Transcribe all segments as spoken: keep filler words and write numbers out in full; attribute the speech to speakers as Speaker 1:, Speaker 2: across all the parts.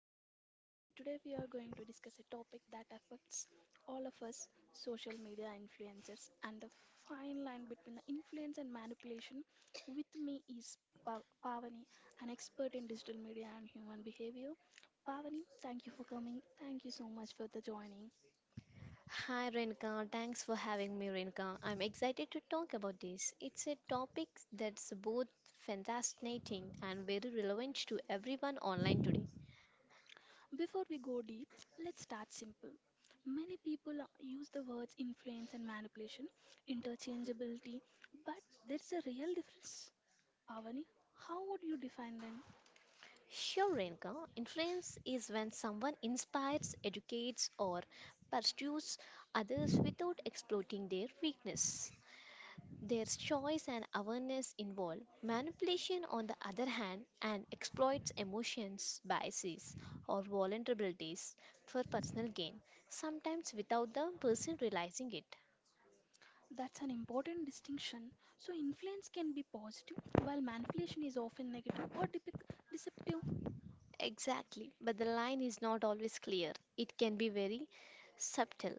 Speaker 1: I am Renuka and today we are going to discuss a topic that affects all of us social media influencers and the fine line between the influence and manipulation. With me is Pa- Pavani, an expert in digital media and human behavior. Pavani, thank you for coming. Thank you so much for the joining.
Speaker 2: Hi Renka, thanks for having me Renka. I'm excited to talk about this. It's a topic that's both fascinating and very relevant to everyone online today.
Speaker 1: Before we go deep, let's start simple. Many people uh, use the words influence and manipulation interchangeability, but there's a real difference. Pavani, how would you define them?
Speaker 2: Sure Renka, influence is when someone inspires, educates or pursues others without exploiting their weakness. There's choice and awareness involved. Manipulation, on the other hand, and exploits emotions, biases, or vulnerabilities for personal gain, sometimes without the person realizing it.
Speaker 1: That's an important distinction. So, influence can be positive, while manipulation is often negative or depic- deceptive.
Speaker 2: Exactly, but the line is not always clear. It can be very subtle.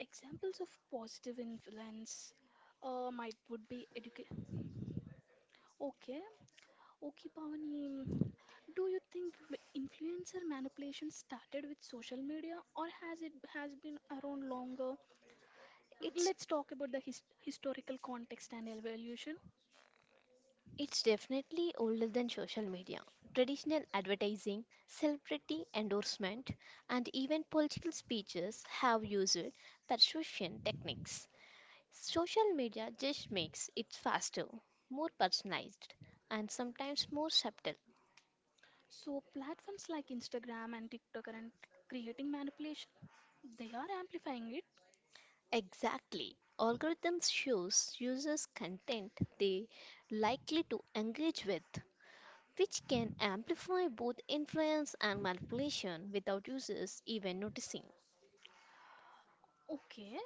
Speaker 1: Examples of positive influence uh, might would be education. Okay. Okay, Pavani, do you think flu- influencer manipulation started with social media or has it has been around longer?
Speaker 2: It's
Speaker 1: Let's talk about the his historical context and evolution.
Speaker 2: It's definitely older than social media. Traditional advertising, celebrity endorsement, and even political speeches have used persuasion techniques. Social media just makes it faster, more personalized, and sometimes more subtle.
Speaker 1: So platforms like Instagram and TikTok are creating manipulation. They are amplifying it.
Speaker 2: Exactly. Algorithms shows users content they likely to engage with, which can amplify both influence and manipulation without users even noticing.
Speaker 1: Okay,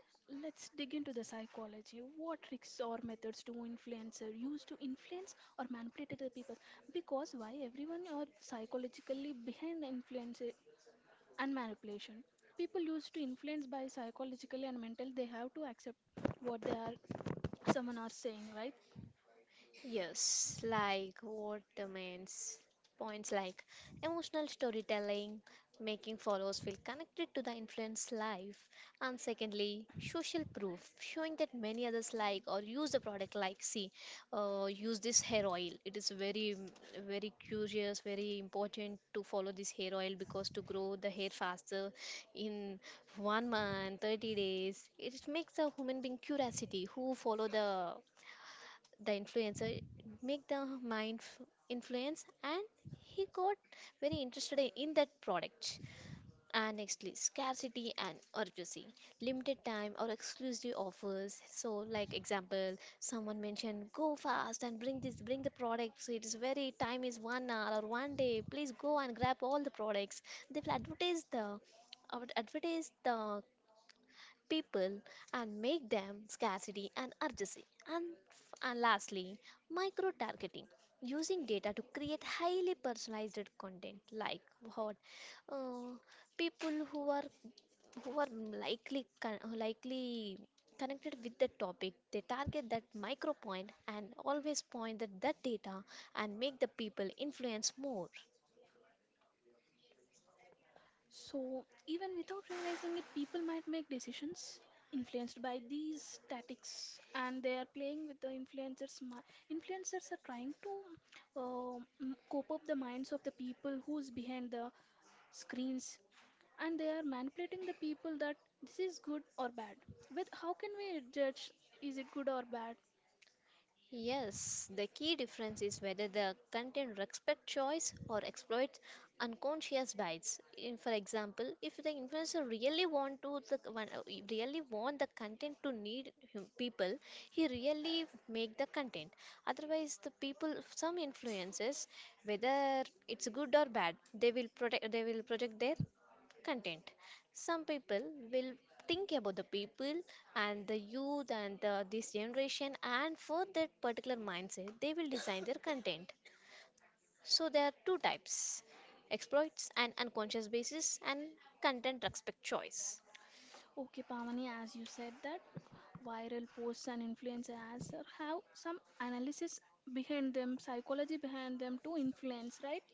Speaker 1: let's dig into the psychology. What tricks or methods do influencer use to influence or manipulate the people? Because why everyone are psychologically behind the influencer and manipulation. People used to influence by psychologically and mental, they have to accept what they are someone are saying, right?
Speaker 2: Yes, like what demands points like emotional storytelling, making followers feel connected to the influence life, and secondly, social proof, showing that many others like or use the product like see, uh, use this hair oil. It is very mm, very curious, very important to follow this hair oil because to grow the hair faster in one month, thirty days. It makes a human being curiosity who follow the the influencer make the mind f- influence, and he got very interested i- in that product. And nextly scarcity and urgency, limited time or exclusive offers, so like example someone mentioned go fast and bring this bring the products, so it is very time is one hour or one day, please go and grab all the products. They will advertise the adver- advertise the people and make them scarcity and urgency. And, f- and lastly, micro targeting using data to create highly personalized content, like what uh, people who are who are likely con- likely connected with the topic, they target that micro point and always point at that data and make the people influence more.
Speaker 1: So even without realizing it, people might make decisions influenced by these tactics, and they are playing with the influencers. mi- Influencers are trying to uh, m- cope up the minds of the people who's behind the screens, and they are manipulating the people that this is good or bad. With how can we judge is it good or bad?
Speaker 2: Yes, the key difference is whether the content respects choice or exploits unconscious bias. In, for example, if the influencer really want to the one- uh, really want the content to need hum- people, he really make the content. Otherwise, the people some influences, whether it's good or bad, they will protect they will project their content. Some people will think about the people and the youth and the, this generation, and for that particular mindset, they will design their content. So there are two types, exploits and unconscious basis, and content respect choice.
Speaker 1: Okay, Pavani, as you said that viral posts and influencer ads are- have some analysis behind them, psychology behind them to influence, right?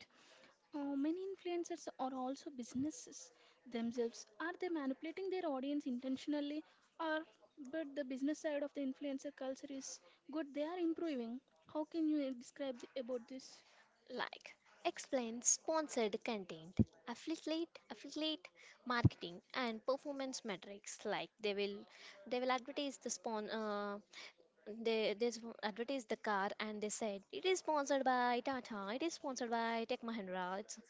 Speaker 1: Uh, many influencers are also businesses themselves. Are they manipulating their audience intentionally, or but the business side of the influencer culture is good? They are improving. How can you describe the, about this?
Speaker 2: Like explain sponsored content, affiliate, affiliate marketing, and performance metrics. Like they will, they will advertise the spawn. Uh, they they s- advertise the car and they said it is sponsored by Tata, it is sponsored by Tech Mahindra. It's,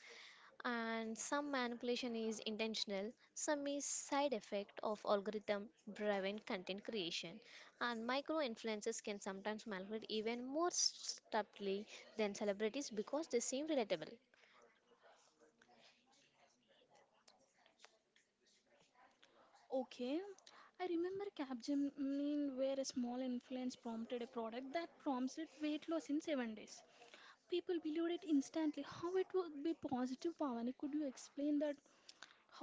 Speaker 2: and some manipulation is intentional, some is side effect of algorithm driven content creation, and micro influencers can sometimes manipulate even more subtly than celebrities because they seem relatable.
Speaker 1: Okay, I remember Capgemini where a small influence prompted a product that promised weight loss in seven days. People believed it instantly. How it would be positive, Pavani? Could you explain that?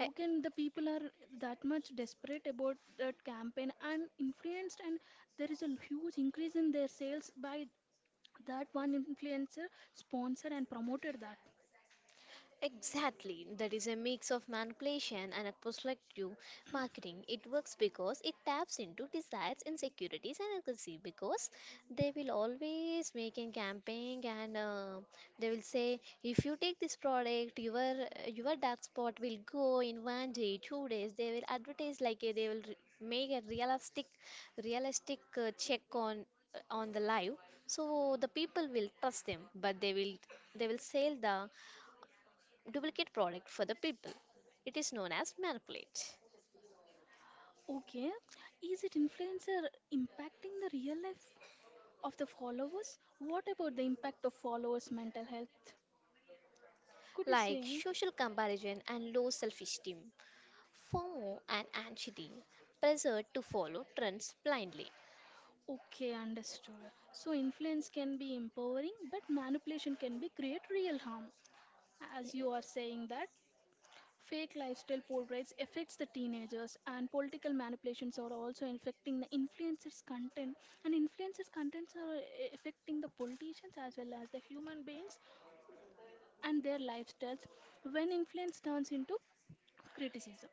Speaker 2: I-
Speaker 1: can the people are that much desperate about that campaign and influenced, and there is a huge increase in their sales by that one influencer sponsored and promoted that?
Speaker 2: Exactly. That is a mix of manipulation and a prospective marketing. It works because it taps into desires, insecurities, and aggressive, because they will always make a campaign and uh, they will say, if you take this product, your your dark spot will go in one day, two days. They will advertise like a, they will re- make a realistic, realistic uh, check on on the live, so the people will trust them, but they will they will sell the duplicate product for the people. It is known as manipulate.
Speaker 1: Okay, is it influencer impacting the real life of the followers? What about the impact of followers mental health? Could you
Speaker 2: Like
Speaker 1: say?
Speaker 2: social comparison and low self esteem, FOMO and anxiety, pressure to follow trends blindly.
Speaker 1: Okay, understood. So influence can be empowering, but manipulation can be create real harm. As you are saying that fake lifestyle portraits affects the teenagers and political manipulations are also affecting the influencers content, and influencers contents are eh, affecting the politicians as well as the human beings and their lifestyles when influence turns into criticism.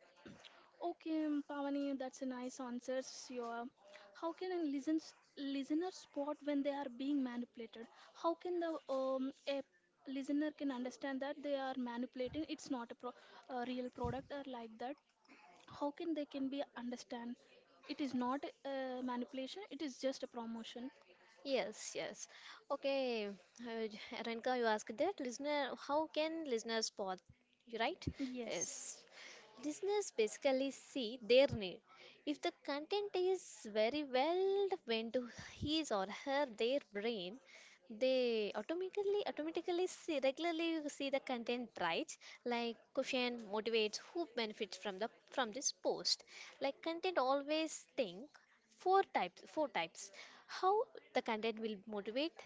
Speaker 1: Okay, um, Pavani, that's a nice answer. Sure. How can a listens, listener spot when they are being manipulated? How can the um, a listener can understand that they are manipulating? It's not a, pro, a real product or like that. How can they can be understand? It is not a manipulation. It is just a promotion.
Speaker 2: Yes, yes. Okay, uh, Renka, you asked that listener, how can listeners spot? You right?
Speaker 1: Yes.
Speaker 2: Yes. Listeners basically see their need. If the content is very well went to his or her their brain, they automatically automatically see, regularly you see the content, right? Like question motivates, who benefits from the from this post, like content always think four types, four types, how the content will motivate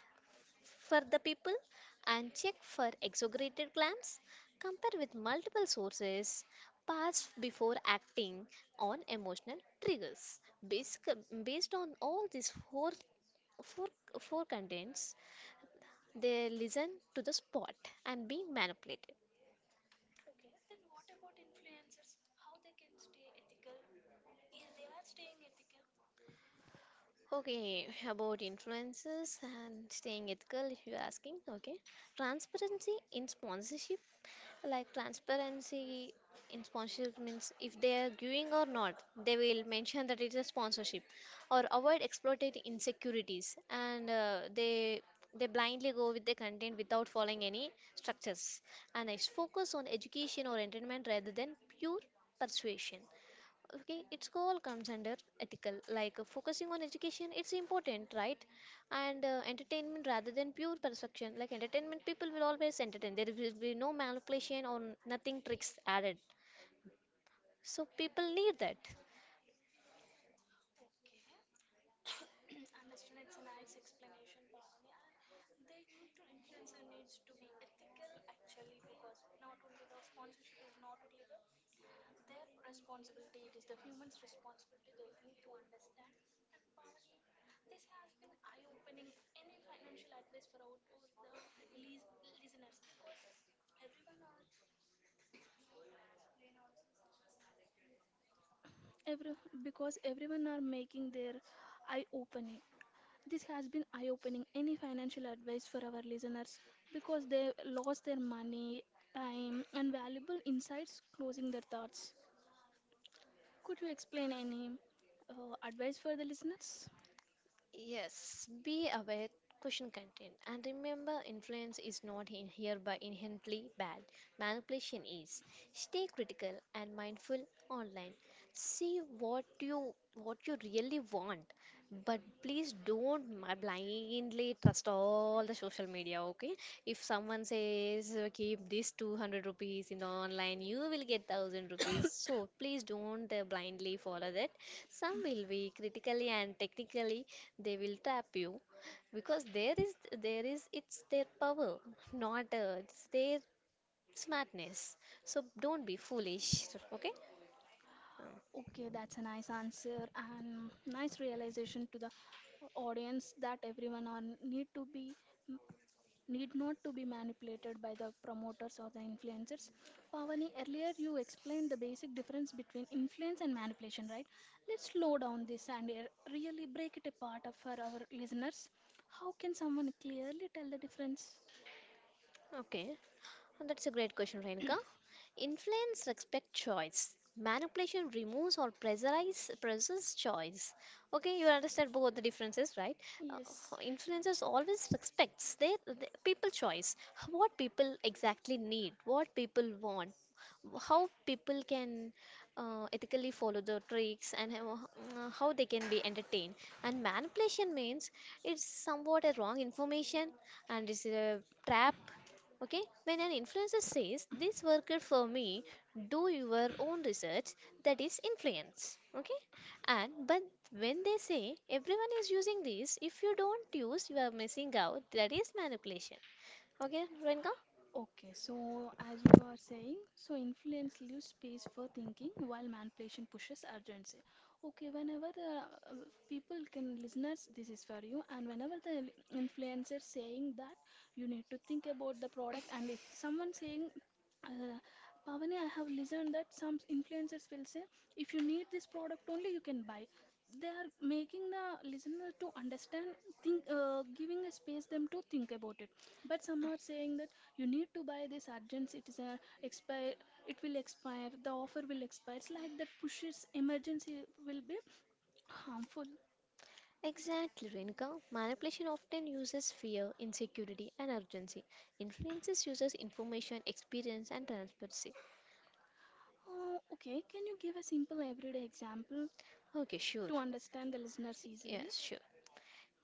Speaker 2: for the people, and check for exaggerated claims, compare with multiple sources, pause before acting on emotional triggers. Basic, Based on all these four, four, four contents, they listen to the spot and being manipulated. Okay, about influences and staying ethical, if you're asking, okay. Transparency in sponsorship, like transparency in sponsorship means if they are giving or not, they will mention that it's a sponsorship, or avoid exploited insecurities, and uh, they they blindly go with the content without following any structures. And next, focus on education or entertainment rather than pure persuasion. Okay, it's all comes under ethical, like uh, focusing on education, it's important, right? And uh, entertainment rather than pure perfection, like entertainment people will always entertain, there will be no manipulation or nothing tricks added, so people need that.
Speaker 1: Every, because everyone are making their eye open. This has been eye opening. Any financial advice for our listeners because they lost their money, time, and valuable insights closing their thoughts? Could you explain any uh, advice for the listeners?
Speaker 2: Yes, be aware, caution content, and remember influence is not in hereby inherently bad. Manipulation is. Stay critical and mindful online. See what you what you really want, but please don't ma- blindly trust all the social media. Okay, if someone says uh, keep this two hundred rupees in the online, you will get one thousand rupees. So please don't uh, blindly follow that. Some will be critically and technically they will trap you, because there is there is it's their power, not uh, it's their smartness. So don't be foolish, okay?
Speaker 1: Okay, that's a nice answer and nice realization to the audience that everyone on need to be need not to be manipulated by the promoters or the influencers. Pavani, earlier you explained the basic difference between influence and manipulation, right? Let's slow down this and uh, really break it apart uh, for our listeners. How can someone clearly tell the difference?
Speaker 2: Okay, oh, that's a great question, Renika. Influence respect choice. Manipulation removes or pressurize presses choice. Okay, you understand both the differences, right? Uh,
Speaker 1: Yes.
Speaker 2: influences always respects their, their people choice. What people exactly need, what people want, how people can uh, ethically follow the tricks and how, uh, how they can be entertained, and manipulation means it's somewhat a wrong information and it's a trap. Okay, when an influencer says this worked for me, do your own research, that is influence. Okay, and but when they say everyone is using this, if you don't use, you are missing out, that is manipulation. Okay, Renka?
Speaker 1: Okay, so as you are saying, so influence leaves space for thinking while manipulation pushes urgency. Okay, whenever the uh, people can listeners, this is for you, and whenever the influencer saying that you need to think about the product, and if someone saying uh, Pavani, I have listened that some influencers will say, if you need this product only, you can buy. They are making the listener to understand, think, uh, giving a space them to think about it. But some are saying that you need to buy this urgent. It is a expire. It will expire. The offer will expire. It's like that pushes emergency will be harmful.
Speaker 2: Exactly, Renka. Manipulation often uses fear, insecurity, and urgency. Influences uses information, experience, and transparency.
Speaker 1: Oh, okay, can you give a simple everyday example
Speaker 2: Okay, sure.
Speaker 1: to understand the listeners easily?
Speaker 2: Yes, sure.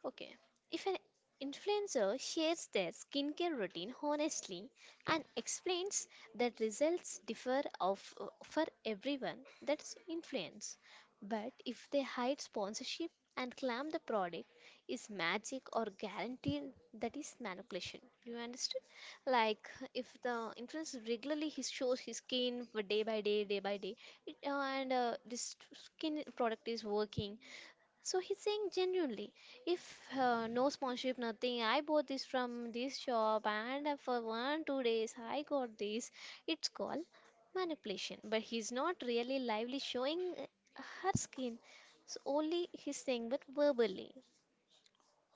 Speaker 2: Okay, if an influencer shares their skincare routine honestly and explains that results differ of, for everyone, that's influence. But if they hide sponsorship and claim the product is magic or guaranteed, that is manipulation. You understood? Like if the influencer regularly he shows his skin for day by day, day by day, it, and uh, this skin product is working, so he's saying genuinely, if uh, no sponsorship, nothing, I bought this from this shop and uh, for one, two days I got this. It's called manipulation. But he's not really lively showing uh, her skin. So only he's saying, but verbally.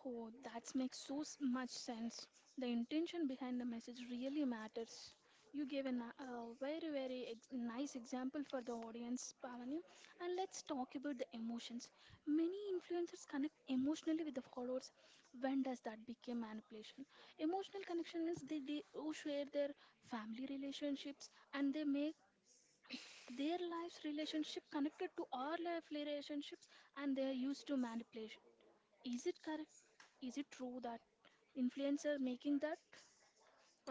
Speaker 1: Oh, that makes so s- much sense. The intention behind the message really matters. You gave a, ni- a very, very ex- nice example for the audience, Pavani. And let's talk about the emotions. Many influencers connect emotionally with the followers. When does that become manipulation? Emotional connection means they, they oh, share their family relationships and they make their life's relationship connected to our life relationships, and they are used to manipulation, is it correct? Is it true that influencer making that?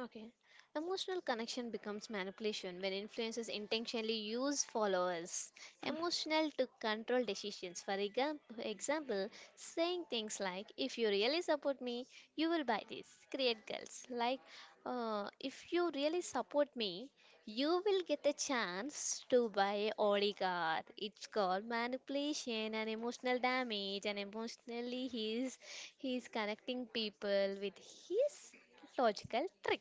Speaker 2: Okay. Emotional connection becomes manipulation when influencers intentionally use followers emotional to control decisions. For exam- example, saying things like, if you really support me, you will buy this. Create girls. Like, uh, if you really support me, you will get a chance to buy a Audi car. It's called manipulation and emotional damage, and emotionally he's he's connecting people with his logical trick.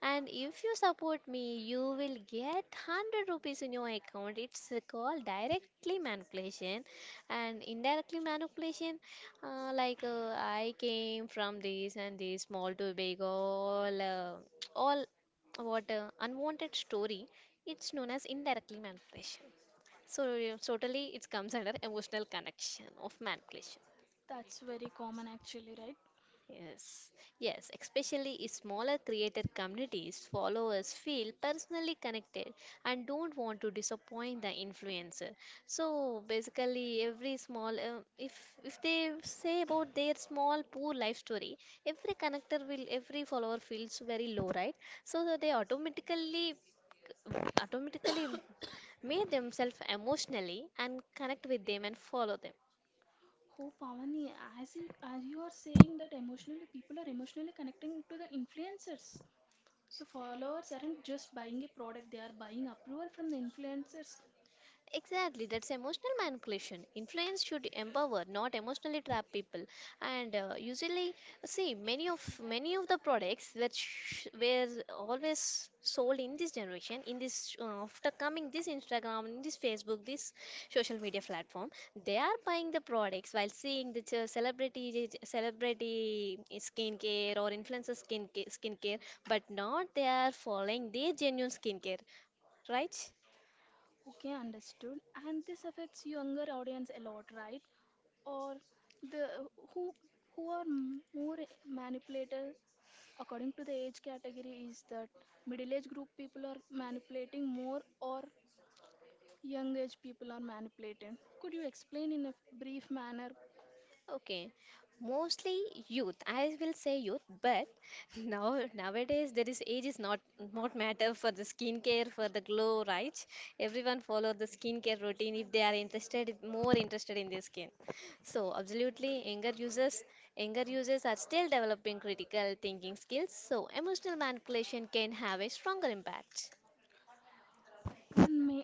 Speaker 2: And if you support me, you will get one hundred rupees in your account. It's called directly manipulation and indirectly manipulation. Uh, like uh, I came from this and this small to big, all, uh, all what uh, unwanted story. It's known as indirectly manipulation. So uh, totally, it comes under emotional connection of manipulation.
Speaker 1: That's very common actually, right?
Speaker 2: Yes, yes, especially if smaller creator communities, followers feel personally connected and don't want to disappoint the influencer. So basically, every small, uh, if if they say about their small poor life story, every connector will, every follower feels very low, right? So that they automatically, automatically made themselves emotionally and connect with them and follow them.
Speaker 1: Oh, Pavani, as you, as you are saying that emotionally people are emotionally connecting to the influencers. So followers aren't just buying a product, they are buying approval from the influencers.
Speaker 2: Exactly, that's emotional manipulation. Influence should empower, not emotionally trap people. And uh, usually, see, many of many of the products which sh- were always sold in this generation, in this uh, after coming this Instagram, in this Facebook, this social media platform, they are buying the products while seeing the ch- celebrity celebrity skincare or influencer skincare, skincare, but not they are following their genuine skincare, right?
Speaker 1: Okay, understood. And this affects younger audience a lot, right? Or the who who are m- more manipulator according to the age category, is that middle age group people are manipulating more or young age people are manipulating? Could you explain in a brief manner?
Speaker 2: Okay, mostly youth. I will say youth, but now nowadays there is age is not not matter for the skincare for the glow, right? Everyone follow the skincare routine if they are interested more interested in their skin. So absolutely, younger users younger users are still developing critical thinking skills. So emotional manipulation can have a stronger impact.
Speaker 1: One may.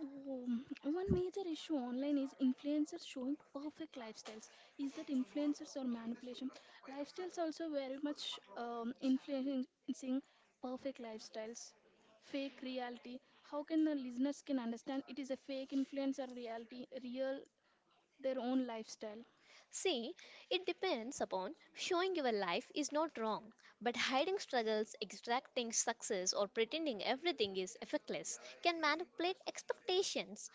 Speaker 1: Oh, one major issue online is influencers showing perfect lifestyles. Is that influencers or manipulation? Lifestyles also very much um, influencing perfect lifestyles. Fake reality. How can the listeners can understand it is a fake influencer reality, real their own lifestyle?
Speaker 2: See, it depends upon showing your life is not wrong, but hiding struggles, extracting success, or pretending everything is effortless can manipulate expectations.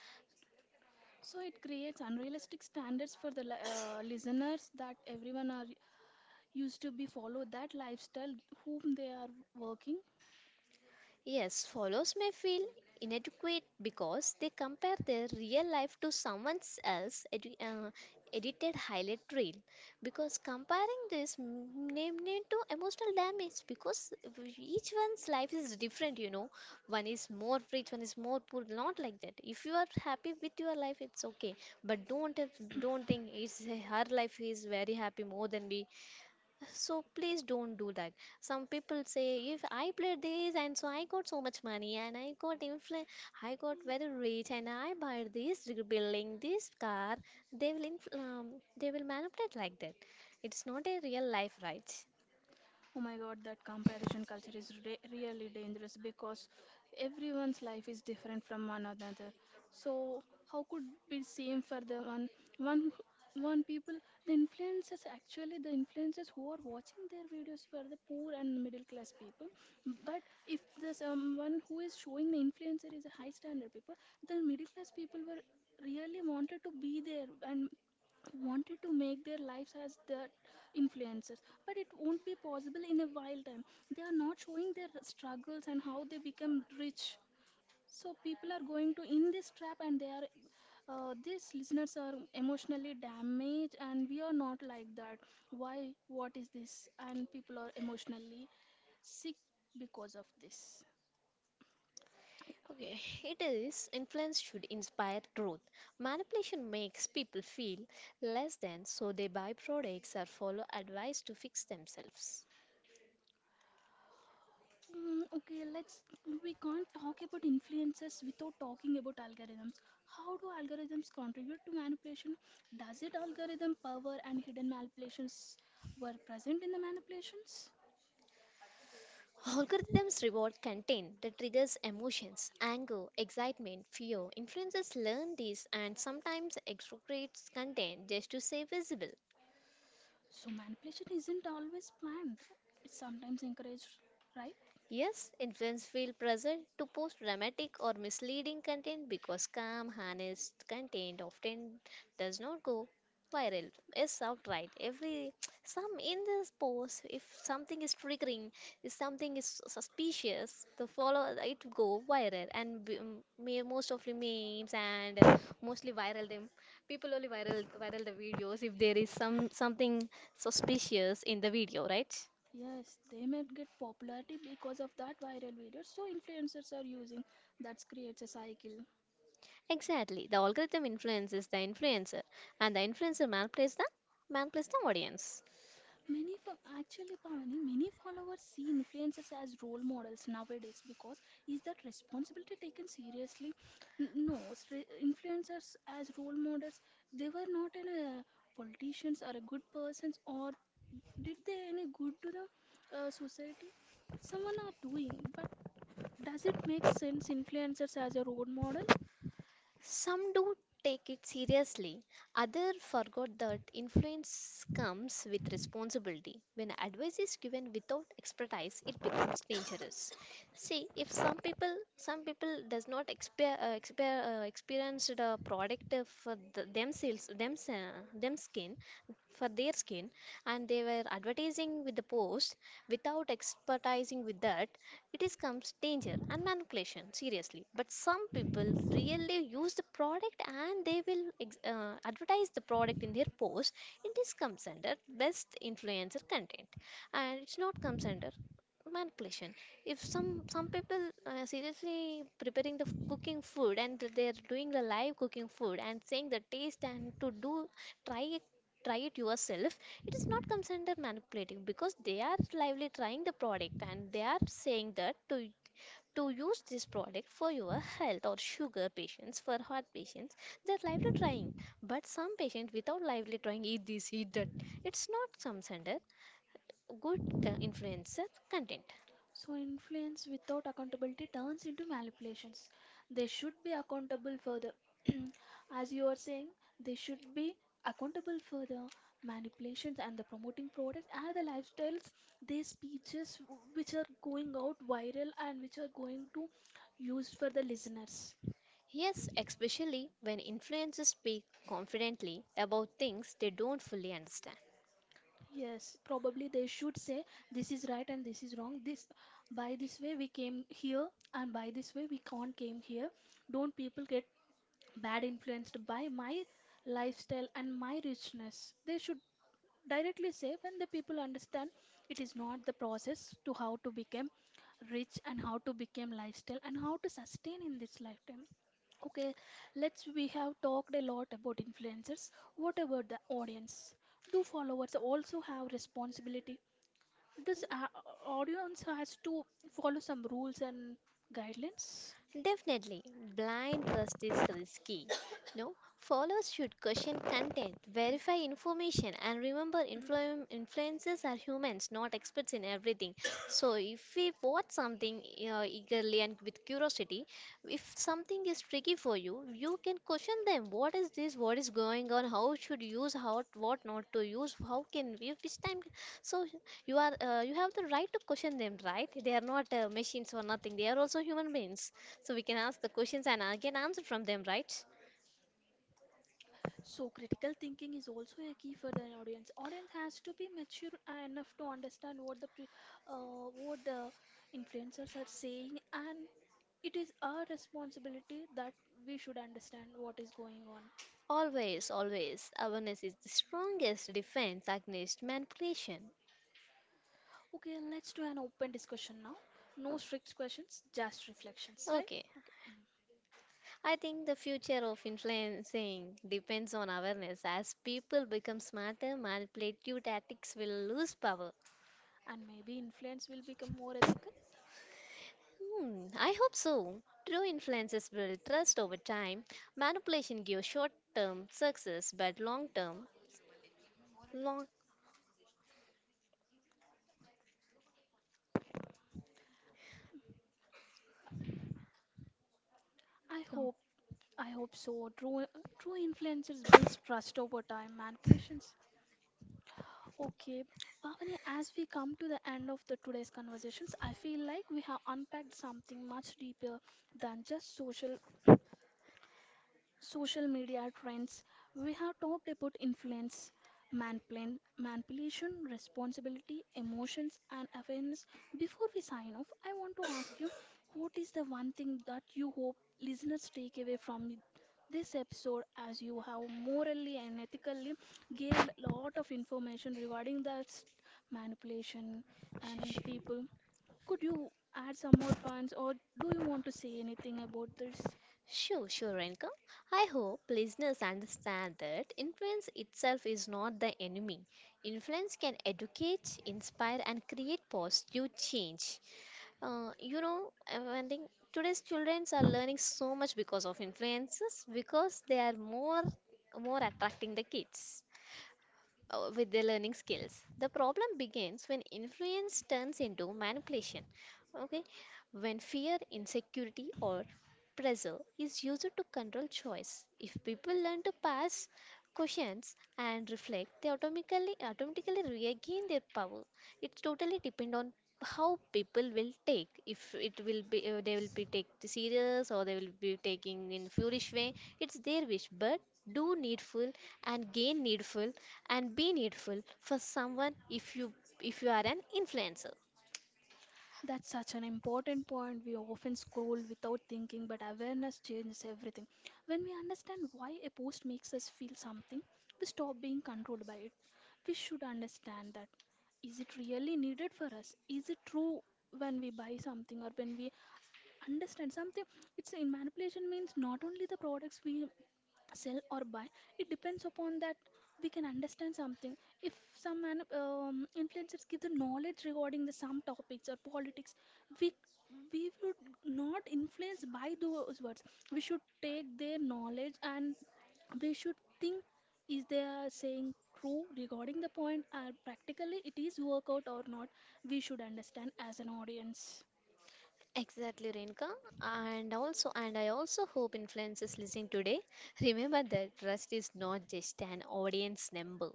Speaker 1: So it creates unrealistic standards for the li- uh, listeners that everyone are used to be follow that lifestyle whom they are working.
Speaker 2: Yes, follows may feel inadequate because they compare their real life to someone else's edi- uh, edited highlight reel. Because comparing this name name to emotional damage, because each one's life is different. You know, one is more rich, one is more poor. Not like that. If you are happy with your life, it's okay. But don't have- don't think it's her life is very happy more than we so please don't do that. Some people say if I played this and so I got so much money and I got influ I got very rich and I buy this building, this car, they will infl um, they will manipulate like that. It's not a real life, right?
Speaker 1: Oh my god, that comparison culture is re- really dangerous because everyone's life is different from one another. So how could be same for the one one who- one people? The influencers actually the influencers who are watching their videos for the poor and middle class people. But if the someone who is showing the influencer is a high standard people, the middle class people were really wanted to be there and wanted to make their lives as their influencers, but it won't be possible in a while time. They are not showing their struggles and how they become rich, so people are going to in this trap, and they are uh, these listeners are emotionally damaged, and we are not like that. Why, what is this, and people are emotionally sick because of this.
Speaker 2: Okay, it is influence should inspire growth. Manipulation makes people feel less than, so they buy products or follow advice to fix themselves.
Speaker 1: Mm, okay, let's we can't talk about influences without talking about algorithms. How do algorithms contribute to manipulation? Does it algorithm power and hidden manipulations were present in the manipulations?
Speaker 2: Algorithms reward content that triggers emotions, anger, excitement, fear. Influencers learn this and sometimes exaggerates content just to stay visible.
Speaker 1: So manipulation isn't always planned. It's sometimes encouraged, right?
Speaker 2: Yes, infants feel pressure to post dramatic or misleading content because calm, honest content often does not go viral. Yes, outright. Every some in this post, if something is triggering, if something is suspicious, the follow it go viral and b- m- me- most of the memes and uh, mostly viral them. People only viral viral the videos if there is some something suspicious in the video, right?
Speaker 1: Yes, they may get popularity because of that viral video. So influencers are using that creates a cycle.
Speaker 2: Exactly. The algorithm influences the influencer, and the influencer manipulates the manipulates the audience.
Speaker 1: Many fo- actually, Pavani, many followers see influencers as role models nowadays because is that responsibility taken seriously? N- No, it's re- influencers as role models, they were not in a politicians or a good persons or did they any good to the uh, society? Someone are doing, but does it make sense influencers as a role model?
Speaker 2: Some do take it seriously, others forgot that influence comes with responsibility. When advice is given without expertise, it becomes dangerous. See, if some people, some people does not exper- uh, exper- uh, experience the product uh, for the, themselves, them, uh, them skin, for their skin, and they were advertising with the post without expertising with that, it is comes danger and manipulation, seriously. But some people really use the product and they will ex- uh, advertise the product in their post. It is comes under best influencer content, and it's not comes under manipulation if some some people uh, seriously preparing the f- cooking food and they're doing the live cooking food and saying the taste and to do try it try it yourself. It is not considered manipulating because they are lively trying the product and they are saying that to to use this product for your health or sugar patients for heart patients, they're lively trying. But some patients without lively trying eat this eat that, it's not considered good co- influencer content.
Speaker 1: So, influence without accountability turns into manipulations. They should be accountable for the as you are saying, they should be accountable for the manipulations and the promoting products and the lifestyles, their speeches w- which are going out viral and which are going to use for the listeners.
Speaker 2: Yes, especially when influencers speak confidently about things they don't fully understand.
Speaker 1: Yes, probably they should say this is right and this is wrong. This by this way we came here and by this way we can't came here. Don't people get bad influenced by my lifestyle and my richness? They should directly say when the people understand it is not the process to how to become rich and how to become lifestyle and how to sustain in this lifetime. Okay, let's we have talked a lot about influencers. What about the audience? Do followers also have responsibility? Does uh, audience has to follow some rules and guidelines?
Speaker 2: Definitely, blind trust is risky. No, followers should question content, verify information, and remember influ- influencers are humans, not experts in everything. So, if we watch something uh, eagerly and with curiosity, if something is tricky for you, you can question them. What is this? What is going on? How should use? How what not to use? How can we? Which time? So, you are uh, you have the right to question them, right? They are not uh, machines or nothing. They are also human beings. So we can ask the questions and uh, get answer from them, right?
Speaker 1: So critical thinking is also a key for the audience. Audience has to be mature uh, enough to understand what the pre, uh, what the influencers are saying, and it is our responsibility that we should understand what is going on.
Speaker 2: Always, always, awareness is the strongest defense against manipulation.
Speaker 1: Okay, let's do an open discussion now. No strict questions, just reflections, right?
Speaker 2: Okay,
Speaker 1: Okay. Mm.
Speaker 2: I think the future of influencing depends on awareness. As people become smarter, manipulative tactics will lose power.
Speaker 1: And maybe influence will become more ethical.
Speaker 2: Hmm, I hope so. True influences build trust over time. Manipulation gives short term success, but long term, long.
Speaker 1: I
Speaker 2: Oh,
Speaker 1: hope. I hope so. True, true influencers builds trust over time. Manipulations. Okay, Bhavani, as we come to the end of the today's conversations, I feel like we have unpacked something much deeper than just social social media trends. We have talked about influence, manplan- manipulation, responsibility, emotions, and awareness. Before we sign off, I want to ask you what is the one thing that you hope listeners take away from this episode, as you have morally and ethically gave a lot of information regarding that manipulation and the people. Could you add some more points or do you want to say anything about this?
Speaker 2: sure, sure, Renka. I hope listeners understand that influence itself is not the enemy. Influence can educate, inspire, and create positive change. Uh, you know, uh, I think today's children are learning so much because of influences because they are more more attracting the kids uh, with their learning skills. The problem begins when influence turns into manipulation. Okay, when fear, insecurity, or pressure is used to control choice. If people learn to pass questions and reflect, they automatically automatically regain their power. It's totally depend on how people will take, if it will be uh, they will be take it serious or they will be taking in foolish way. It's their wish, but do needful and gain needful and be needful for someone if you if you are an influencer.
Speaker 1: That's such an important point. We often scroll without thinking, but awareness changes everything. When we understand why a post makes us feel something, we stop being controlled by it. We should understand that. Is it really needed for us? Is it true when we buy something or when we understand something? It's in manipulation means not only the products we sell or buy, it depends upon that we can understand something. If some man, um, influencers give the knowledge regarding the some topics or politics, we we would not influence by those words. We should take their knowledge and we should think is they are saying true regarding the point or practically it is work out or not. We should understand as an audience.
Speaker 2: Exactly, Renka. And also, and I also hope influencers listening today remember that trust is not just an audience number.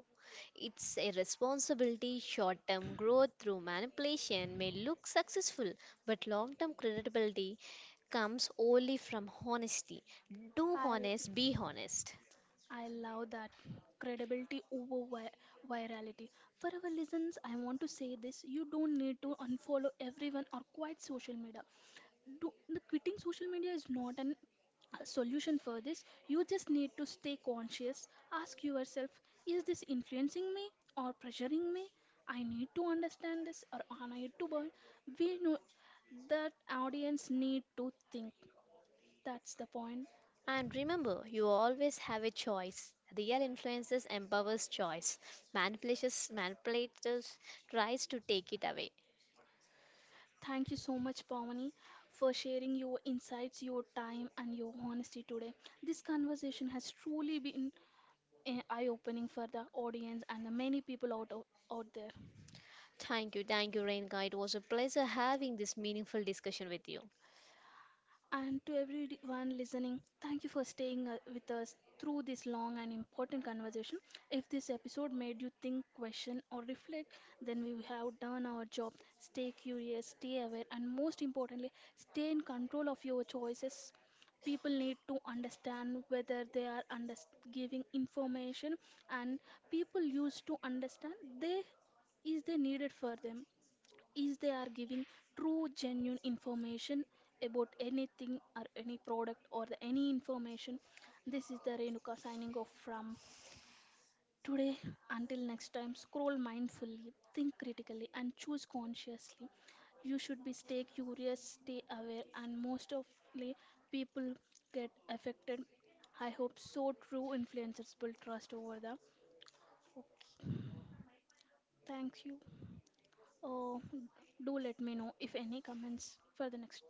Speaker 2: It's a responsibility. Short term growth through manipulation may look successful, but long term credibility comes only from honesty. Do
Speaker 1: i'll
Speaker 2: honest, be honest.
Speaker 1: I love that, credibility over vi- virality. For our listeners, I want to say this: you don't need to unfollow everyone or quit social media. Do, the quitting social media is not an- a solution for this. You just need to stay conscious. Ask yourself: Is this influencing me or pressuring me? I need to understand this, or I need to buy. We know that audience need to think. That's the point.
Speaker 2: And remember, you always have a choice. Real influences empowers choice. Manipulators, manipulators tries to take it away.
Speaker 1: Thank you so much, Pawani, for sharing your insights, your time, and your honesty today. This conversation has truly been eye opening for the audience and the many people out, out there.
Speaker 2: Thank you, thank you, Renka. It was a pleasure having this meaningful discussion with you.
Speaker 1: And to everyone listening, thank you for staying uh, with us through this long and important conversation. If this episode made you think, question, or reflect, then we have done our job. Stay curious, stay aware, and most importantly, stay in control of your choices. People need to understand whether they are under giving information, and people used to understand they is they needed for them, is they are giving true genuine information about anything or any product or the, any information. This is the Renuka signing off from today. Until next time, scroll mindfully, think critically, and choose consciously. You should be stay curious, stay aware, and most of the people get affected. I hope so, true influencers will trust over the. Okay, thank you. Oh, do let me know if any comments for the next.